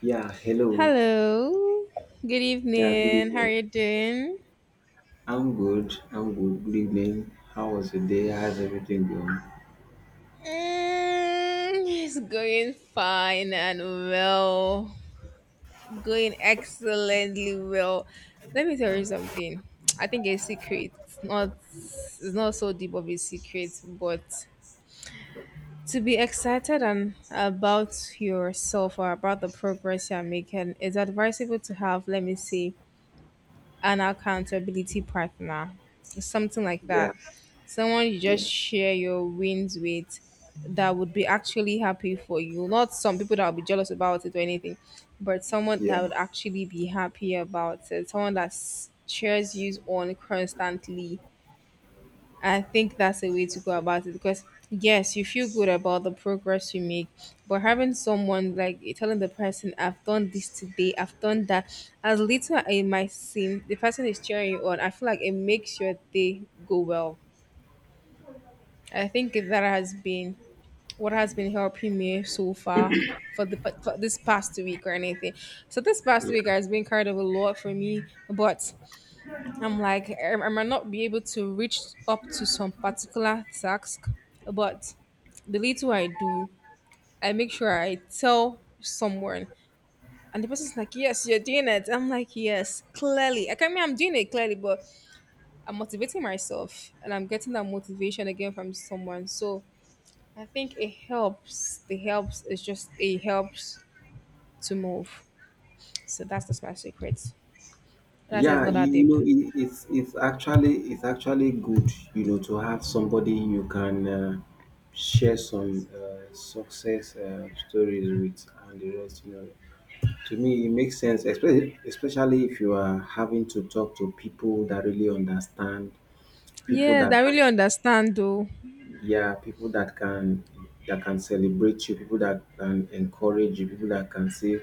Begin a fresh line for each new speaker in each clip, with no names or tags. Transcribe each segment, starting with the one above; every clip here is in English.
Yeah, hello.
Hello. Good
Yeah, good
evening. How are
evening.
you doing?
I'm good. I'm good. Good evening. How was your day? How's everything going?
Mm, it's going fine and well. Going excellently well. Let me tell you something. I think a secret. Not it's not so deep of a secret, but to be excited and about yourself or about the progress you're making, it's advisable to have, let me see, an accountability partner, something like
Yeah,
that. Someone you
yeah,
just share your wins with that would be actually happy for you. Not some people that will be jealous about it or anything, but someone that would
yeah.
actually be happy about it. Someone that cheers you on constantly. I think that's a way to go about it because yes, you feel good about the progress you make, but having someone like telling the person, "I've done this today, I've done that," as little as it might seem, the person is cheering you on. I feel like it makes your day go well. I think that has been what has been helping me so far for this past week or anything. So this past week has been kind of a lot for me, but I'm like, I might not be able to reach up to some particular task, but the little I do, I make sure I tell someone. And the person's like, yes, you're doing it. I'm like, yes, clearly. I can mean I'm doing it clearly, but I'm motivating myself and I'm getting that motivation again from someone. So I think it helps. The helps is just it helps to move. So that's just my secret. That is
Yeah,
not
you,
that
you
deep.
know, it, it's actually good, you know, to have somebody you can share some success stories with and the rest, you know. To me, it makes sense, especially if you are having to talk to people that really understand, people
Yes,
that
I
can
really understand though.
yeah people that can, that can celebrate you, people that can encourage you, people that can say,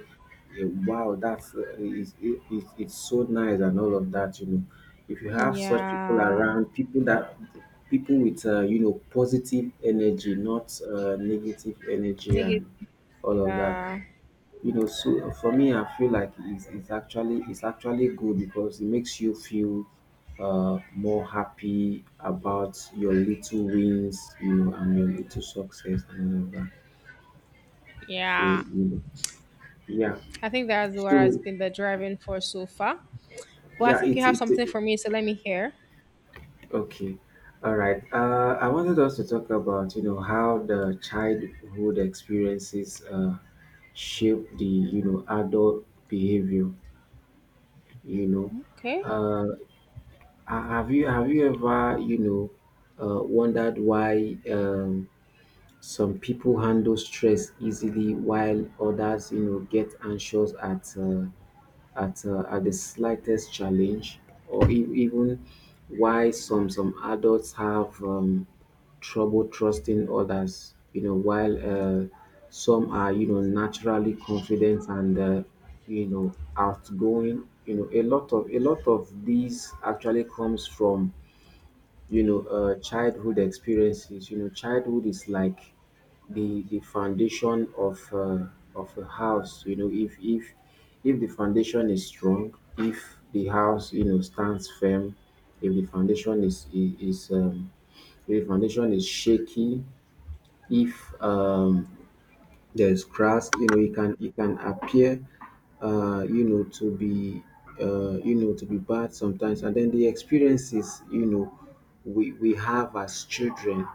yeah, wow, that's, it's so nice and all of that, you know, if you have such people
Yeah.
around, people that people with you know, positive energy, not negative energy
Negative.
and all of that,
Yeah.
you know. So for me, I feel like it's actually good because it makes you feel more happy about your little wins, you know, and your little success and all of that. So
Yeah.
you know, yeah.
I think that's what has
So
been the driving force so far. Well, I
yeah,
think you
it's
have
it,
something
it
for me, so let me hear.
okay. All right. I wanted us to talk about, you know, how the childhood experiences shape the, you know, adult behavior. You know,
Okay.
uh. Have you ever, you know, wondered why, some people handle stress easily while others, you know, get anxious at at the slightest challenge, or even why some adults have, trouble trusting others, you know, while uh, some are, you know, naturally confident and you know, outgoing. You know, a lot of these actually comes from, you know, childhood experiences. You know, childhood is like the foundation of a house. You know, if if the foundation is strong, if the house, you know, stands firm, if the foundation is, if the foundation is shaky, if there's grass, you know, it can appear, you know, to be, you know, to be bad sometimes. And then the experiences, you know, we have as children,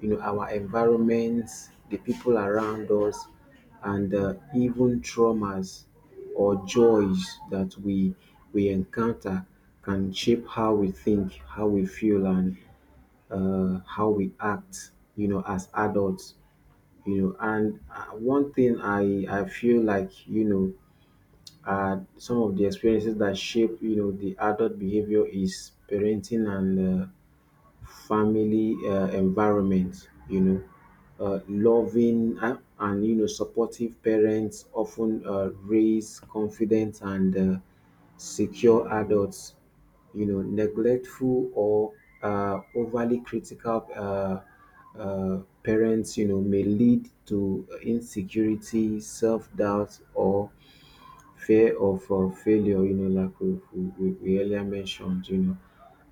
you know, our environments, the people around us, and even traumas or joys that we encounter can shape how we think, how we feel, and how we act, you know, as adults, you know. And one thing I feel like, you know, some of the experiences that shape, you know, the adult behavior is parenting and family environment, you know, loving and you know, supportive parents often raise confident and secure adults. You know, neglectful or overly critical parents, you know, may lead to insecurity, self doubt, or fear of failure, you know, like we earlier mentioned, you know,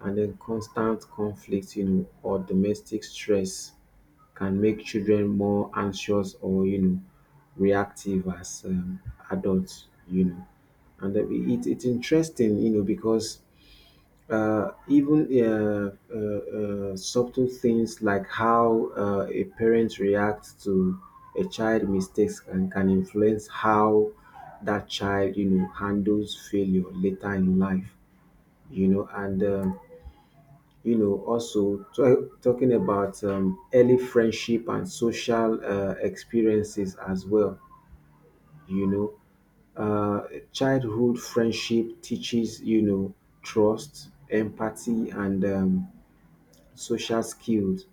and then constant conflict, you know, or domestic stress can make children more anxious or, you know, reactive as, adults, you know. And then it's interesting, you know, because even subtle things like how a parent reacts to a child mistakes and can influence how that child, you know, handles failure later in life, you know. And you know, also talking about, early friendship and social experiences as well, you know, uh, childhood friendship teaches, you know, trust, empathy, and, social skills.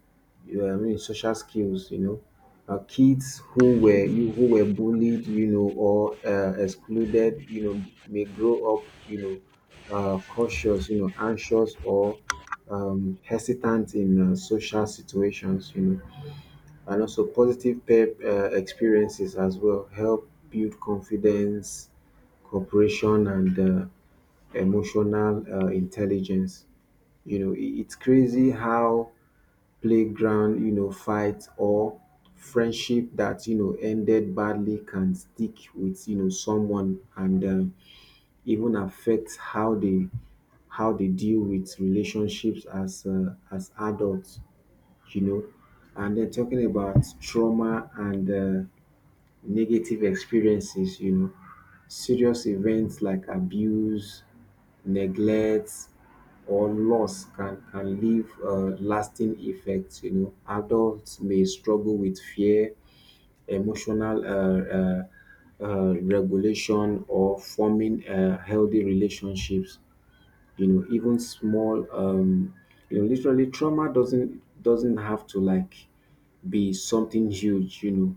You know, I mean social skills. You know, kids who were you who were bullied, you know, or excluded, you know, may grow up, you know, cautious, you know, anxious, or hesitant in social situations, you know, and also positive peer experiences as well help build confidence, cooperation, and emotional intelligence. You know, it's crazy how playground, you know, fight or friendship that, you know, ended badly can stick with, you know, someone, and even affect how they deal with relationships as adults, you know. And then talking about trauma and negative experiences, you know, serious events like abuse, neglect, or loss can leave lasting effects. You know, adults may struggle with fear, emotional regulation, or forming healthy relationships. You know, even small, you know, literally trauma doesn't have to like be something huge. You know,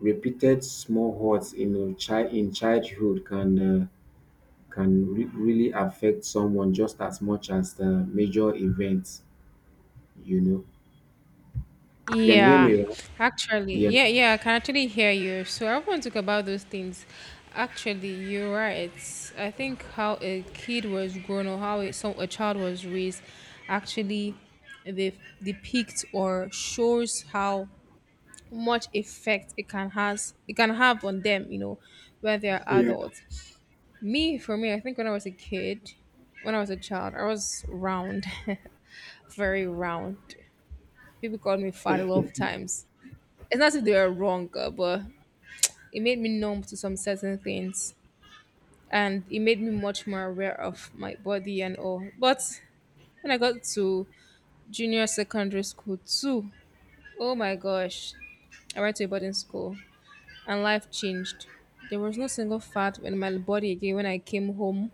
repeated small hurts in a child in childhood can, can really affect someone just as much as the major events, you know. You can hear me
Yeah,
right?
actually,
Yeah.
yeah, yeah, I can actually hear you. So I want to talk about those things. Actually, you're right. I think how a kid was grown or how a child was raised actually they depicts or shows how much effect it can have on them, when they're
Yeah.
adults. Me, for me, I think when I was a kid, when I was a child, I was round, very round. People called me fat a lot of times. It's not that they were wrong, but it made me numb to some certain things, and it made me much more aware of my body and all. But when I got to junior secondary school too, oh my gosh, I went to a boarding school, and life changed. There was no single fat in my body again when I came home.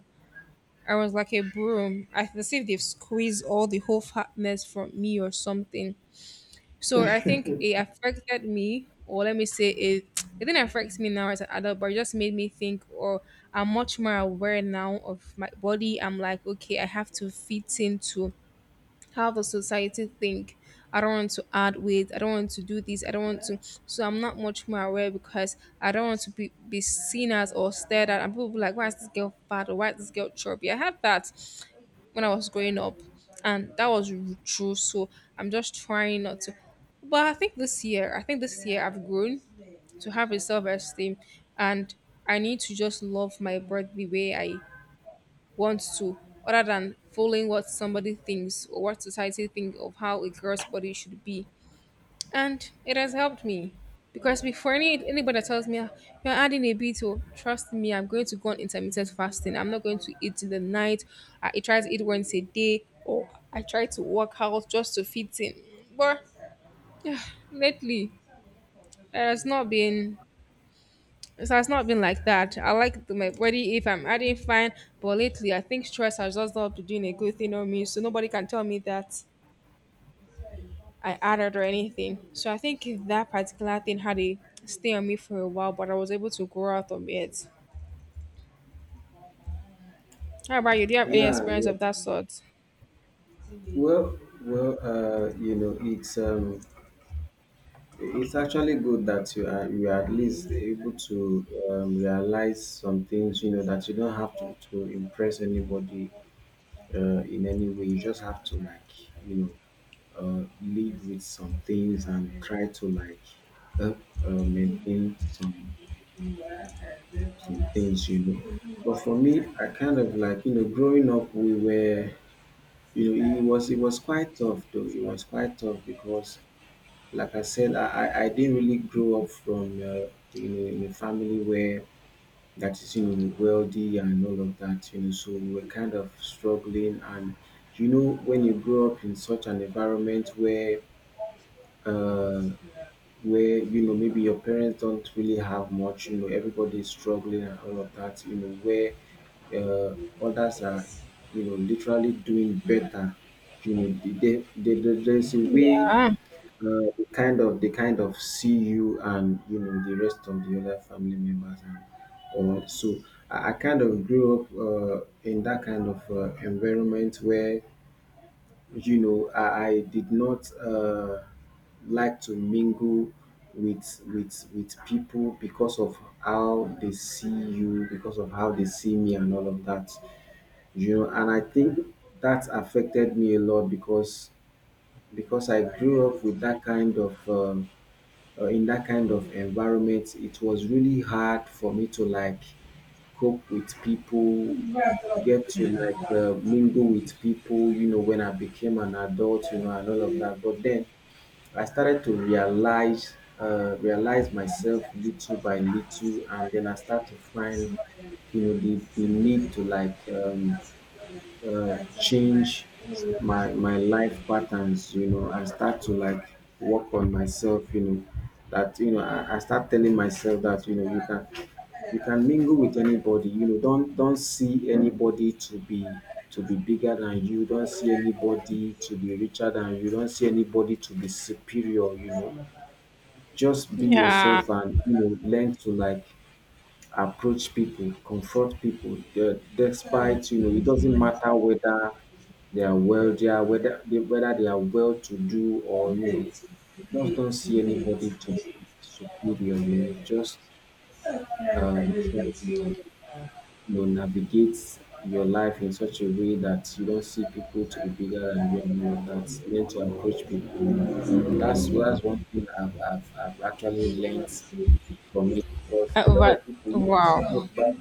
I was like a broom. I feel as if they've squeezed all the whole fatness from me or something. So I think it affected me, or let me say it. It didn't affect me now as an adult, but it just made me think, or I'm much more aware now of my body. I'm like, okay, I have to fit into how the society think. I don't want to add weight, I don't want to do this, I don't want to. So I'm not much more aware because I don't want to be seen as or stared at, and people be like, why is this girl fat or why is this girl chubby. I had that when I was growing up. And that was true. So I'm just trying not to, but I think this year I've grown to have a self-esteem, and I need to just love my body the way I wants to, other than following what somebody thinks or what society thinks of how a girl's body should be. And it has helped me. Because before, anybody that tells me, "Ah, you're adding a bit," oh, trust me, I'm going to go on intermittent fasting. I'm not going to eat in the night. I try to eat once a day, or I try to work out just to fit in. But yeah, lately, there has not been it has not been like that. I like my body if I'm adding fine, but lately I think stress has just not been doing a good thing on me, so nobody can tell me that I added or anything. So I think that particular thing had a stay on me for a while, but I was able to grow out of it. How about you? Do you have any
yeah
experience
yeah
of that sort?
Well, well, you know, it's it's actually good that you are at least able to, realize some things, you know, that you don't have to impress anybody in any way. You just have to like, you know, live with some things and try to like help maintain some things, you know. But for me, I kind of like, you know, growing up, we were, you know, it was quite tough though. It was quite tough because, like I said, I didn't really grow up from, you know, in a family where that is, you know, wealthy and all of that, you know, so we were kind of struggling, and you know, when you grow up in such an environment where, uh where, you know, maybe your parents don't really have much, you know, everybody is struggling and all of that, you know, where uh, others are, you know, literally doing better, you know. There's a way
Yeah,
they kind of see you, and you know the rest of the other family members and all. So I kind of grew up in that kind of environment where, you know, I did not, like to mingle with people because of how they see you, because of how they see me and all of that, you know. And I think that affected me a lot because I grew up with that kind of, in that kind of environment, it was really hard for me to like cope with people, get to like mingle with people, you know, when I became an adult, you know, and all of that. But then I started to realize, realize myself little by little, and then I start to find, you know, the need to like, change my life patterns, you know. I start to like work on myself, you know, that, you know, I start telling myself that, you know, you can, you can mingle with anybody, you know, don't see anybody to be, to be bigger than you, don't see anybody to be richer than you, don't see anybody to be superior, you know, just be
yeah.
yourself and, you know, learn to like approach people, confront people, despite, you know, it doesn't matter whether they are wealthier, whether they are well to do or, you know, just don't see anybody to be superior, you know, just, try to, like, you know, navigate your life in such a way that you don't see people to be bigger than you and all of that. Learn to approach people, you know. That's one thing I've actually learned from it, because a
Uh,
lot
but
of people will
wow,
look back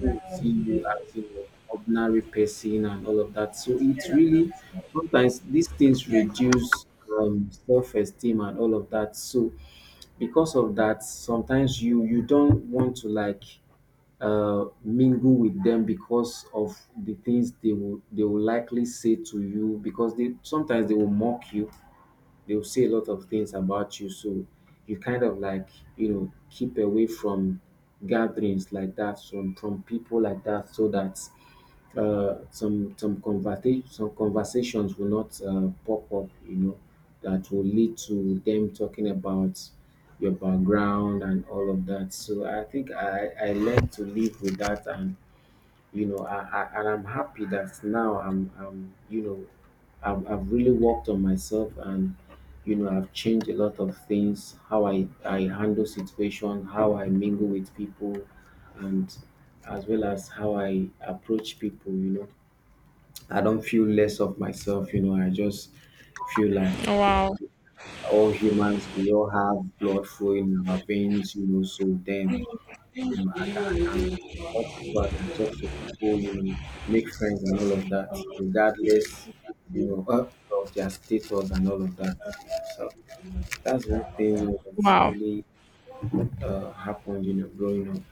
to see you as, you know, ordinary person and all of that. So it's really sometimes these things reduce, self-esteem and all of that. So because of that, sometimes you don't want to like, mingle with them because of the things they will likely say to you, because they sometimes they will mock you, they'll say a lot of things about you. So you kind of like, you know, keep away from gatherings like that, from people like that, so that some conversations will not pop up, you know, that will lead to them talking about your background and all of that. So I think I learned to live with that, and you know, I'm happy that now I'm, you know, I'm, I've really worked on myself, and you know, I've changed a lot of things, how I handle situation, how I mingle with people, and as well as how I approach people, you know. I don't feel less of myself, you know, I just feel like,
wow,
all humans, we all have blood flowing in our veins, you know, so then, you know, I can talk to people, you know, make friends and all of that, regardless, you know, of their status and all of that. So that's one thing, you know, that's
wow.
really happened, you know, growing up.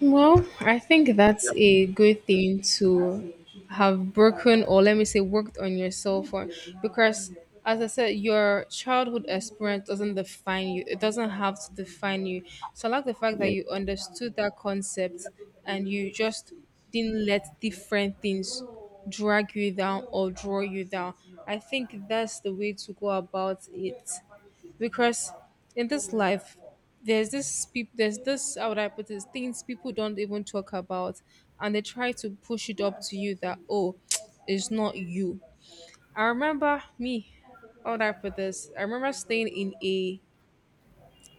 Well, I think that's a good thing to have broken, or let me say worked on yourself for, because as I said, your childhood experience doesn't define you. It doesn't have to define you. So I like the fact that
Yeah,
you understood that concept and you just didn't let different things drag you down or draw you down. I think that's the way to go about it because in this life there's this, how would I put this, things people don't even talk about, and they try to push it up to you that, oh, it's not you. I remember me, how would I put this? I remember staying in a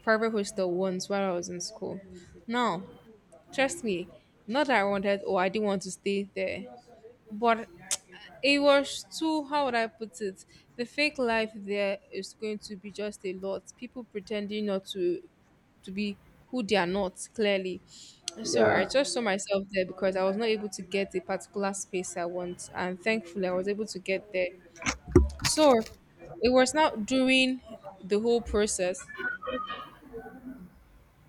private hostel once while I was in school. Now, trust me, not that I wanted or I didn't want to stay there, but it was too, how would I put it? The fake life there is going to be just a lot. People pretending not to be who they are not clearly. So I
yeah,
just saw myself there because I was not able to get the particular space I want, and thankfully I was able to get there. So it was not during the whole process.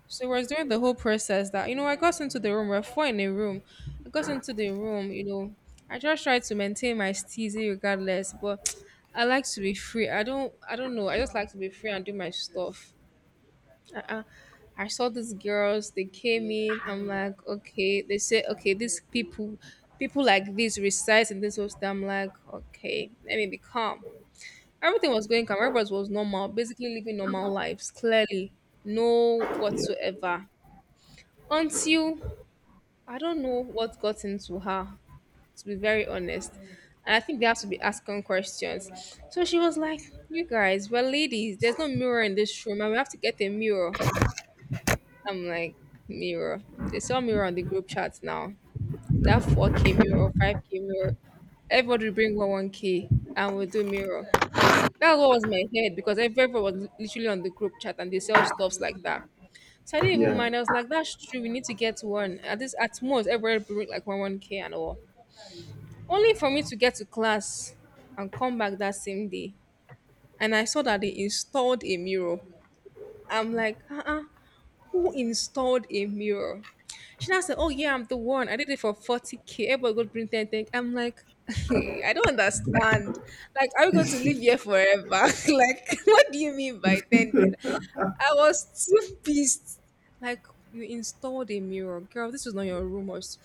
So it was during the whole process that I got into the room. We're four in a room. I got into the room. I just tried to maintain my steezy regardless, but I like to be free. I don't. I don't know. I just like to be free and do my stuff. Uh-uh. I saw these girls, they came in. I'm like, okay. They say, okay, people like this reside in this hostel. I'm like, okay, let me be calm. Everything was going calm. Everybody was normal, basically living normal lives, clearly. No whatsoever. Until I don't know what got into her, to be very honest. And I think they have to be asking questions. So she was like, "You guys, we're ladies. There's no mirror in this room, and we have to get a mirror." I'm like, mirror. They saw mirror on the group chat now. That 4K mirror, 5K mirror. Everybody bring one 1K and we'll do mirror. That's what was in my head because everybody was literally on the group chat and they sell stuffs like that. So I didn't even
yeah,
mind. I was like, that's true. We need to get one. At this, at most, everybody bring like one 1K and all. Only for me to get to class and come back that same day. And I saw that they installed a mirror. I'm like, uh, who installed a mirror. She now said, "Oh, yeah, I'm the one. I did it for 40K. Everybody go bring 10 thing." I'm like, I don't understand. Like, are we going to live here forever? Like, what do you mean by 10? I was too pissed. Like, you installed a mirror. Girl, this was not your rumors,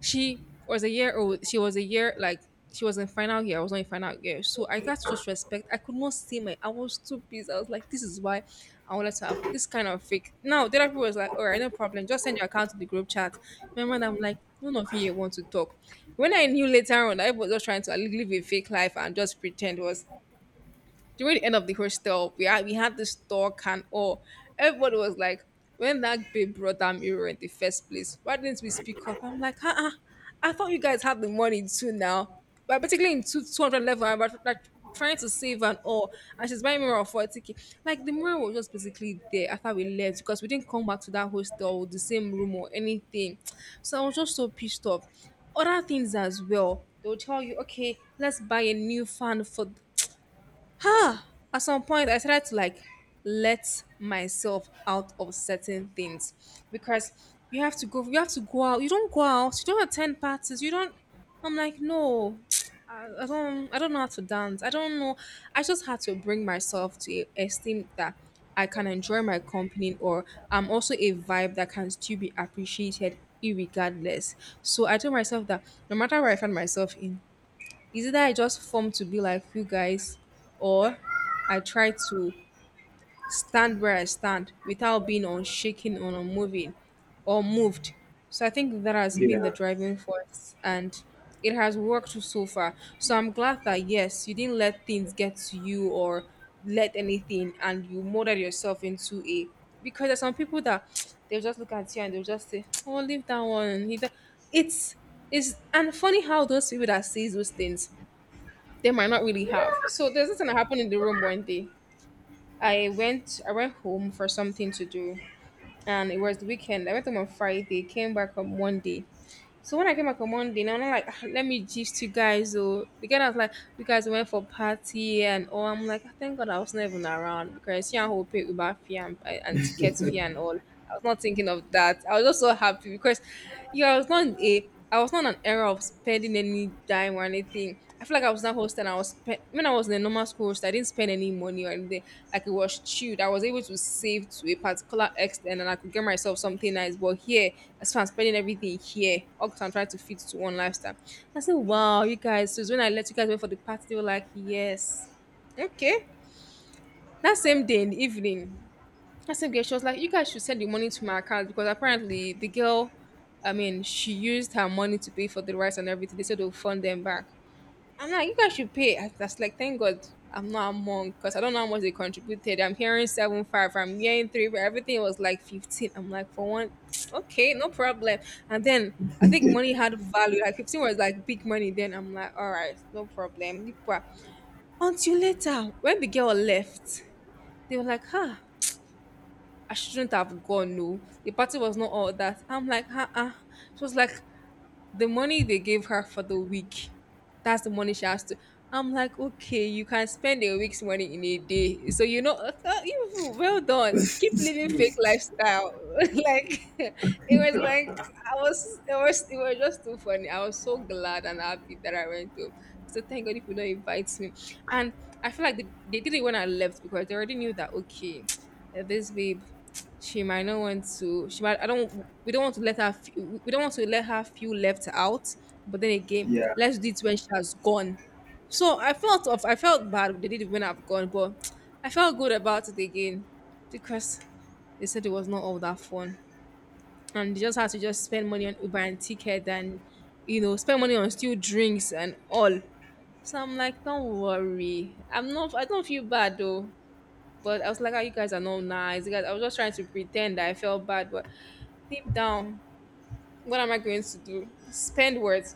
she was a year old. She was in final year. I was not in final year, so I got to just respect. I could not see my. I was too busy. I was like, this is why I wanted to have this kind of fake. Now the other people was like, all right, no problem. Just send your account to the group chat. Remember, and I'm like, none of you here want to talk. When I knew later on, I was just trying to live a fake life and just pretend. Was during the end of the hostel, we had this talk and all. Everybody was like, when that babe brought that mirror in the first place, why didn't we speak up? I'm like, uh-uh, I thought you guys had the money too now. But particularly in 200 level, I'm about, like, trying to save and all. And she's buying mirror for 40K. Like the mirror was just basically there after we left because we didn't come back to that hostel with the same room or anything. So I was just so pissed off other things as well. They'll tell you, okay, let's buy a new fan for. huh at some point I started to like let myself out of certain things because you have to go, out. You don't go out, you don't attend parties, you don't. I'm like, no. I don't know how to dance, I don't know. I just had to bring myself to a esteem that I can enjoy my company, or I'm also a vibe that can still be appreciated irregardless. So I told myself that no matter where I find myself in, is either I just form to be like you guys, or I try to stand where I stand without being unshaken or unmoving or moved. So I think that has been the
yeah,
driving force, and it has worked so far. So I'm glad that. Yes, you didn't let things get to you or let anything, and you molded yourself into a, because there's some people that they'll just look at you and they'll just say, oh, leave that one. He do- It's it's and funny how those people that says those things, they might not really have. So there's something that happened in the room one day. I went home for something to do, and it was the weekend. I went home on Friday, came back on Monday. So when I came back on Monday, now I'm like, "Ah, let me gist you guys." Oh, the guy was like, you guys went for party and all. I'm like, "Ah, thank God I was not even around, because you know who pay Uber fee and ticket fee and all." I was not thinking of that. I was just so happy because you I not a I was not in an era of spending any dime or anything. I feel like I was not hosting. I was when I was in a normal school host, I didn't spend any money or anything. Like it was chewed. I was able to save to a particular extent, and I could get myself something nice. But here, as far as spending everything here, all 'cause I'm trying to fit to one lifestyle. I said, "Wow, you guys!" So it's when I let you guys wait for the party, they were like, "Yes, okay." That same day in the evening, that's a girl. She was like, you guys should send the money to my account, because apparently the girl, I mean, she used her money to pay for the rice and everything. They said they'll fund them back. I'm like, you guys should pay. I was like, thank God I'm not among, because I don't know how much they contributed. I'm hearing 7, 5. I'm hearing three. But everything was like 15. I'm like, for one, okay, no problem. And then I think money had value. Like 15 was like big money. Then I'm like, all right, no problem. Nipa. Until later, when the girl left, they were like, huh, I shouldn't have gone. No, the party was not all that. I'm like, uh. She was like, the money they gave her for the week, that's the money she has to. I'm like, okay, you can spend a week's money in a day. So, you know, you- well done. Keep living fake lifestyle. Like, it was just too funny. I was so glad and happy that I went to. So, thank God if you don't invite me. And I feel like they did it when I left, because they already knew that, okay, eh, this babe, she might not want to, she might, I don't we don't want to let her we don't want to let her feel left out. But then again,
yeah,
let's do it when she has gone. So I felt bad they did it when I've gone, but I felt good about it again, because they said it was not all that fun, and they just had to just spend money on Uber and ticket, and you know, spend money on still drinks and all. So I'm like, don't worry, I don't feel bad though. But I was like, oh, you guys are not nice. You guys, I was just trying to pretend that I felt bad, but deep down, what am I going to do? Spend words.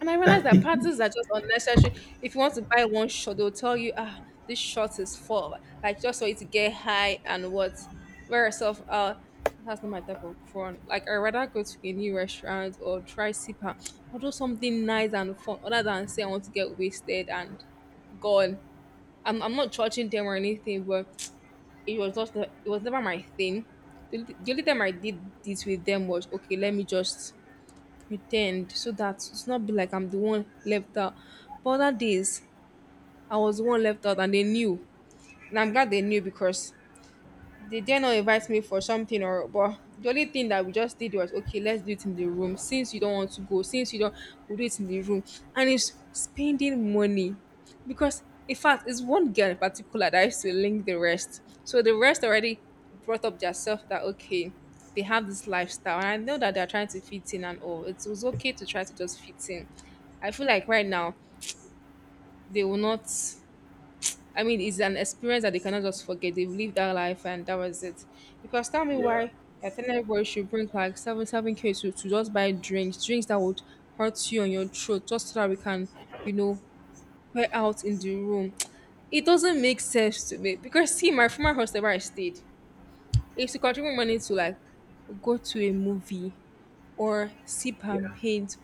And I realized that parties are just unnecessary. If you want to buy one shot, they'll tell you, ah, this shot is full. Like just for you to get high and what, wear yourself out. That's not my type of fun. Like I rather go to a new restaurant or try sipa, or do something nice and fun, other than say I want to get wasted and gone. I'm not judging them or anything, but it was never my thing. The only time I did this with them was, okay, let me just pretend, so that it's not be like I'm the one left out. But other days, I was the one left out, and they knew. And I'm glad they knew, because they dare not invite me for something. Or but the only thing that we just did was, okay, let's do it in the room. Since you don't want to go, since you don't, we'll do it in the room. And it's spending money. Because in fact it's one girl in particular that used to link the rest. So the rest already brought up their self that, okay, they have this lifestyle. And I know that they're trying to fit in and all. It was okay to try to just fit in. I feel like right now they will not, I mean, it's an experience that they cannot just forget. They've lived that life, and that was it. Because tell me
yeah,
why you're telling everybody should bring like seven seven k to just buy drinks, drinks that would hurt you on your throat, just so that we can, you know, wear out in the room. It doesn't make sense to me, because see, my former hostel where I stayed, it's to contribute money to like go to a movie, or sip and
yeah,
paint,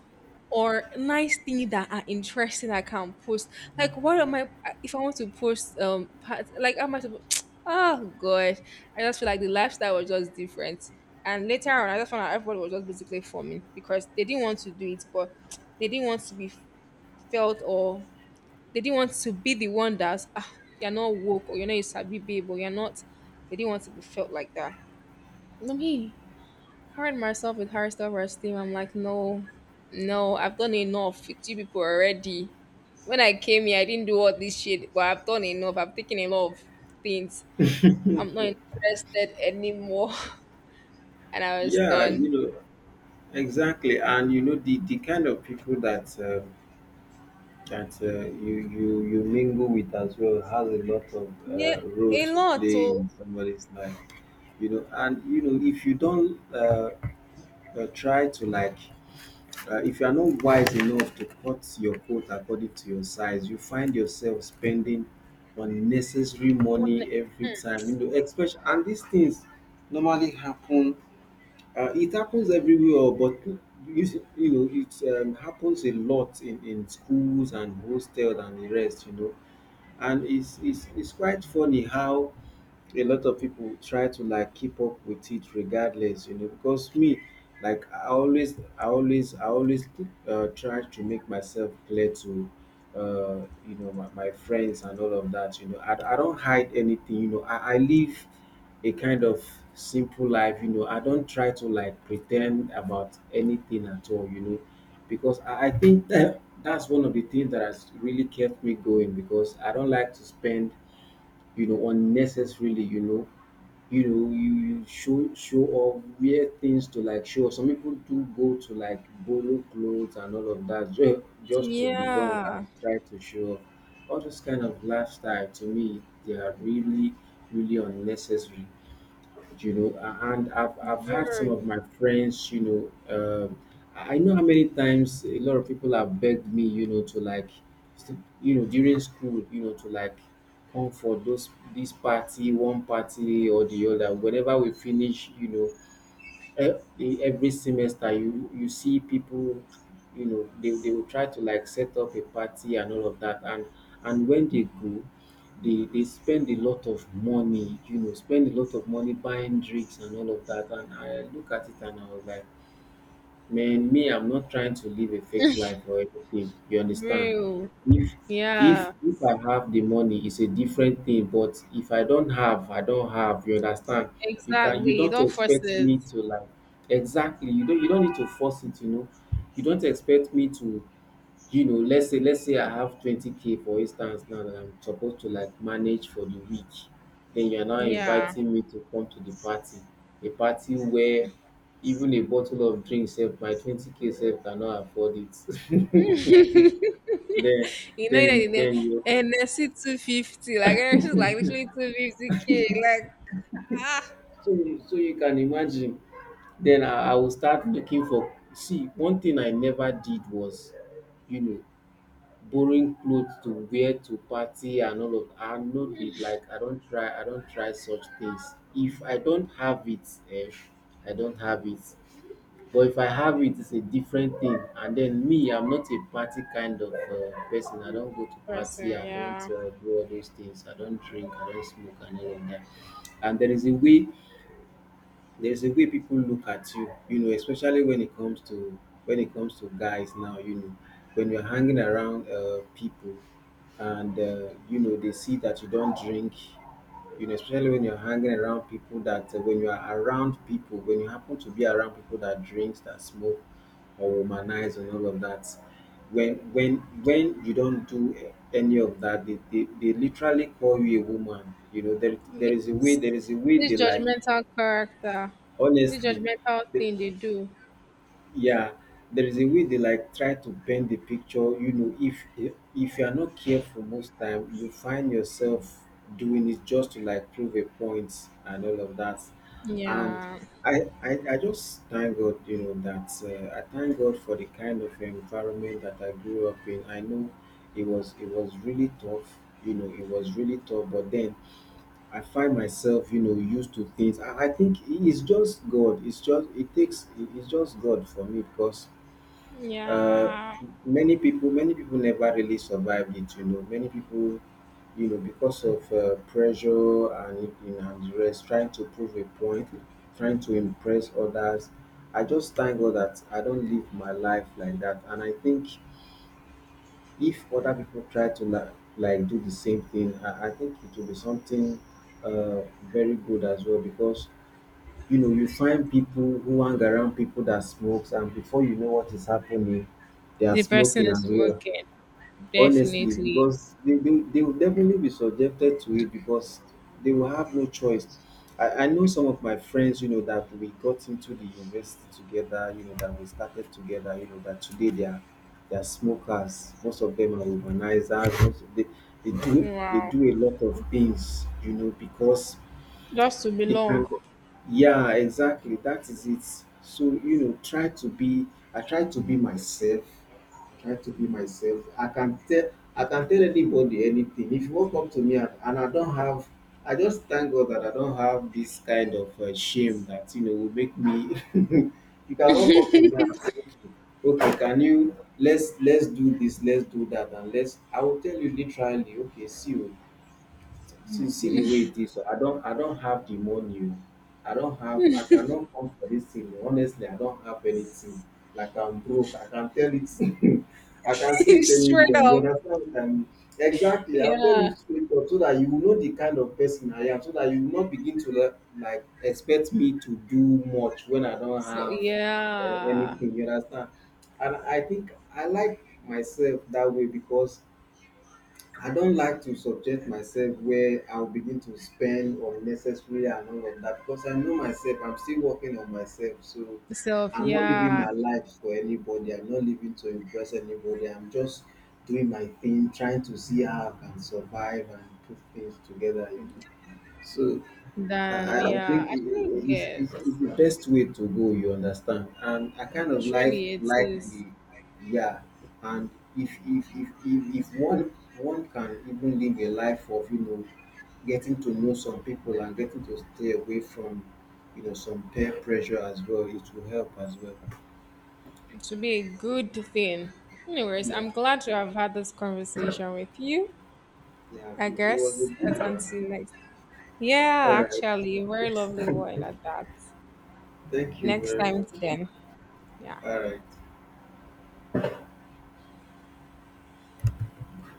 or nice things that are interesting I can post. Like what am I, if I want to post part, like how am I supposed oh god. I just feel like the lifestyle was just different. And later on I just found out everybody was just basically forming because they didn't want to do it, but they didn't want to be felt, or they didn't want to be the one that's ah, you're not woke, or you're not a sabi babe, or you're not, they didn't want to be felt like that. No, me carried myself with high self-esteem. I'm like, no, no, I've done enough with you people already. When I came here, I didn't do all this shit, but I've done enough. I've taken a lot of things. I'm not interested anymore. And I was
yeah. You
done.
know, exactly, and you know the kind of people that you mingle with as well has a lot of
Yeah,
role
a
to
lot.
play
Oh,
in somebody's life, you know. And you know if you don't try to like, if you are not wise enough to cut your coat according to your size, you find yourself spending unnecessary
on-
money every time, you know, especially and these things normally happen. It happens everywhere, but you know it happens a lot in schools and hostels and the rest, you know. And It's quite funny how a lot of people try to like keep up with it regardless, you know, because me, like I always try to make myself clear to uh you know my friends and all of that. You know, I don't hide anything, you know. I live a kind of simple life, you know. I don't try to like pretend about anything at all, you know, because I think that's one of the things that has really kept me going, because I don't like to spend, you know, unnecessarily, you know. You know you show off, wear things to like show off. Some people do go to like borrow clothes and all of that, just to belong
yeah,
and try to show off. All this kind of lifestyle to me, they are really really unnecessary, you know. And I've had some of
very
my friends, you know, I know how many times a lot of people have begged me, you know, to like you know, during school, you know, to like come for those, this party, one party or the other whenever we finish, you know. Every semester, you see people, you know, they will try to like set up a party and all of that. And when they go, they spend a lot of money, you know, spend a lot of money buying drinks and all of that. And I look at it, and I was like, Man, me, I'm not trying to live a fake life or anything. You understand?
real.
If if
Yeah,
if I have the money, it's a different thing. But if I don't have, I don't have. You understand? You can, you
exactly.
don't
Don't force
expect
it.
me to like exactly. You don't need to force it. You know, you don't expect me to, you know, let's say I have 20k for instance, now that I'm supposed to like manage for the week, then you're now
Yeah.
inviting me to come to the party, a party where even a bottle of drink sef, my 20k sef cannot afford it. then
You know that in
then you
NSC 250, like NSC is like literally 250k, like ah
so you can imagine. Then I will start looking for, see, one thing I never did was, you know, borrowing clothes to wear to party and all of. I no dey like, I don try, I don try such things. If I don't have it, eh, I don't have it. But if I have it, it is a different thing. And then me, I'm not a party kind of person. I don't go to party,
person,
I don't
yeah.
do all those things, I don't drink, I don't smoke, and all of dat. And there is a way, there's a way people look at you, you know, especially when it comes to, when it comes to guys now, you know, when you're hanging around people, and you know they see that you don't drink, you know, especially when you're hanging around people that when you are around people, when you happen to be around people that drinks, that smoke, or womanize and all of that, when when you don't do any of that, they literally call you a woman, you know. There is a way,
Yes.
there is a way
This
they like,
judgmental character. This
Honestly,
judgmental
the
thing they do.
yeah, there is a way they like try to bend the picture. You know, if you are not careful, most time you find yourself doing it just to like prove a point and all of that. And
Yeah.
I just thank God, you know, that I thank God for the kind of environment that I grew up in. I know it was really tough. You know, it was really tough, but then I find myself, you know, used to things. I think it's just God. It's just, it takes, it's just God for me because uh,
Yeah.
many people never really survived it. You know, many people, you know, because of pressure and, you know, and the rest, trying to prove a point, trying to impress others. I just thank God that I don't live my life like that, and I think if other people try to like do the same thing, I think it will be something uh, very good as well, because you know you find people who hang around people that smokes, and before you know what is happening, they are
The person
smoking as
is
well,
working.
honestly,
Definitely.
because they will definitely be subjected to it, because they will have no choice. I know some of my friends, you know, that we got into the university together, you know, that we started together, you know, that today they are, they are smokers, most of them are urbanizers, most of they do, they
Wow.
do a lot of things, you know, because
Just to
they can
belong.
go, yeah, exactly, that is it. So you know try to be, I try to be myself, try to be myself. I can tell, I can tell anybody anything. If you walk up to me, and I don't have, I just thank God that I don't have this kind of shame that you know will make me. You can walk up to me and say, okay, okay can you, let's do this, let's do that, and let's, I will tell you literally, okay, see you, see, see the way it is. So I don't have the money, o. I don't have, I cannot come for this thing, oh. Honestly, I don't have anything, like I'm broke. I can tell it. I can say it
Straight
anywhere, you
up.
understand, um, exactly. I'll tell you
Yeah.
straight up, so that you will know the kind of person I am, so that you will not begin to like expect me to do much when I don't
So
have
yeah.
anything, you understand. And I think I like myself that way, because I don't like to subject myself where I'll begin to spend unnecessary and all of that, because I know myself, I'm still working on myself. So
Self,
I'm not living
yeah.
my life for anybody. I'm not living to impress anybody. I'm just doing my thing, trying to see how I can survive and put things together, you know. So I
Then
I I
yeah.
think
I don't
it's,
get.
it's, it's the best way to go, you understand? And I kind of like
Truly it
like the
is.
yeah. And if one can even live a life of, you know, getting to know some people and getting to stay away from, you know, some peer pressure as well, it will help as well.
To be a good thing. Anyways,
Yeah,
I'm glad to have had this conversation with you.
yeah.
I
It was a
guess
good
that's
one.
until next.
All
Yeah,
right.
actually, a very lovely one at that.
Thank you
Next
very
time to
much.
then. Yeah.
All right.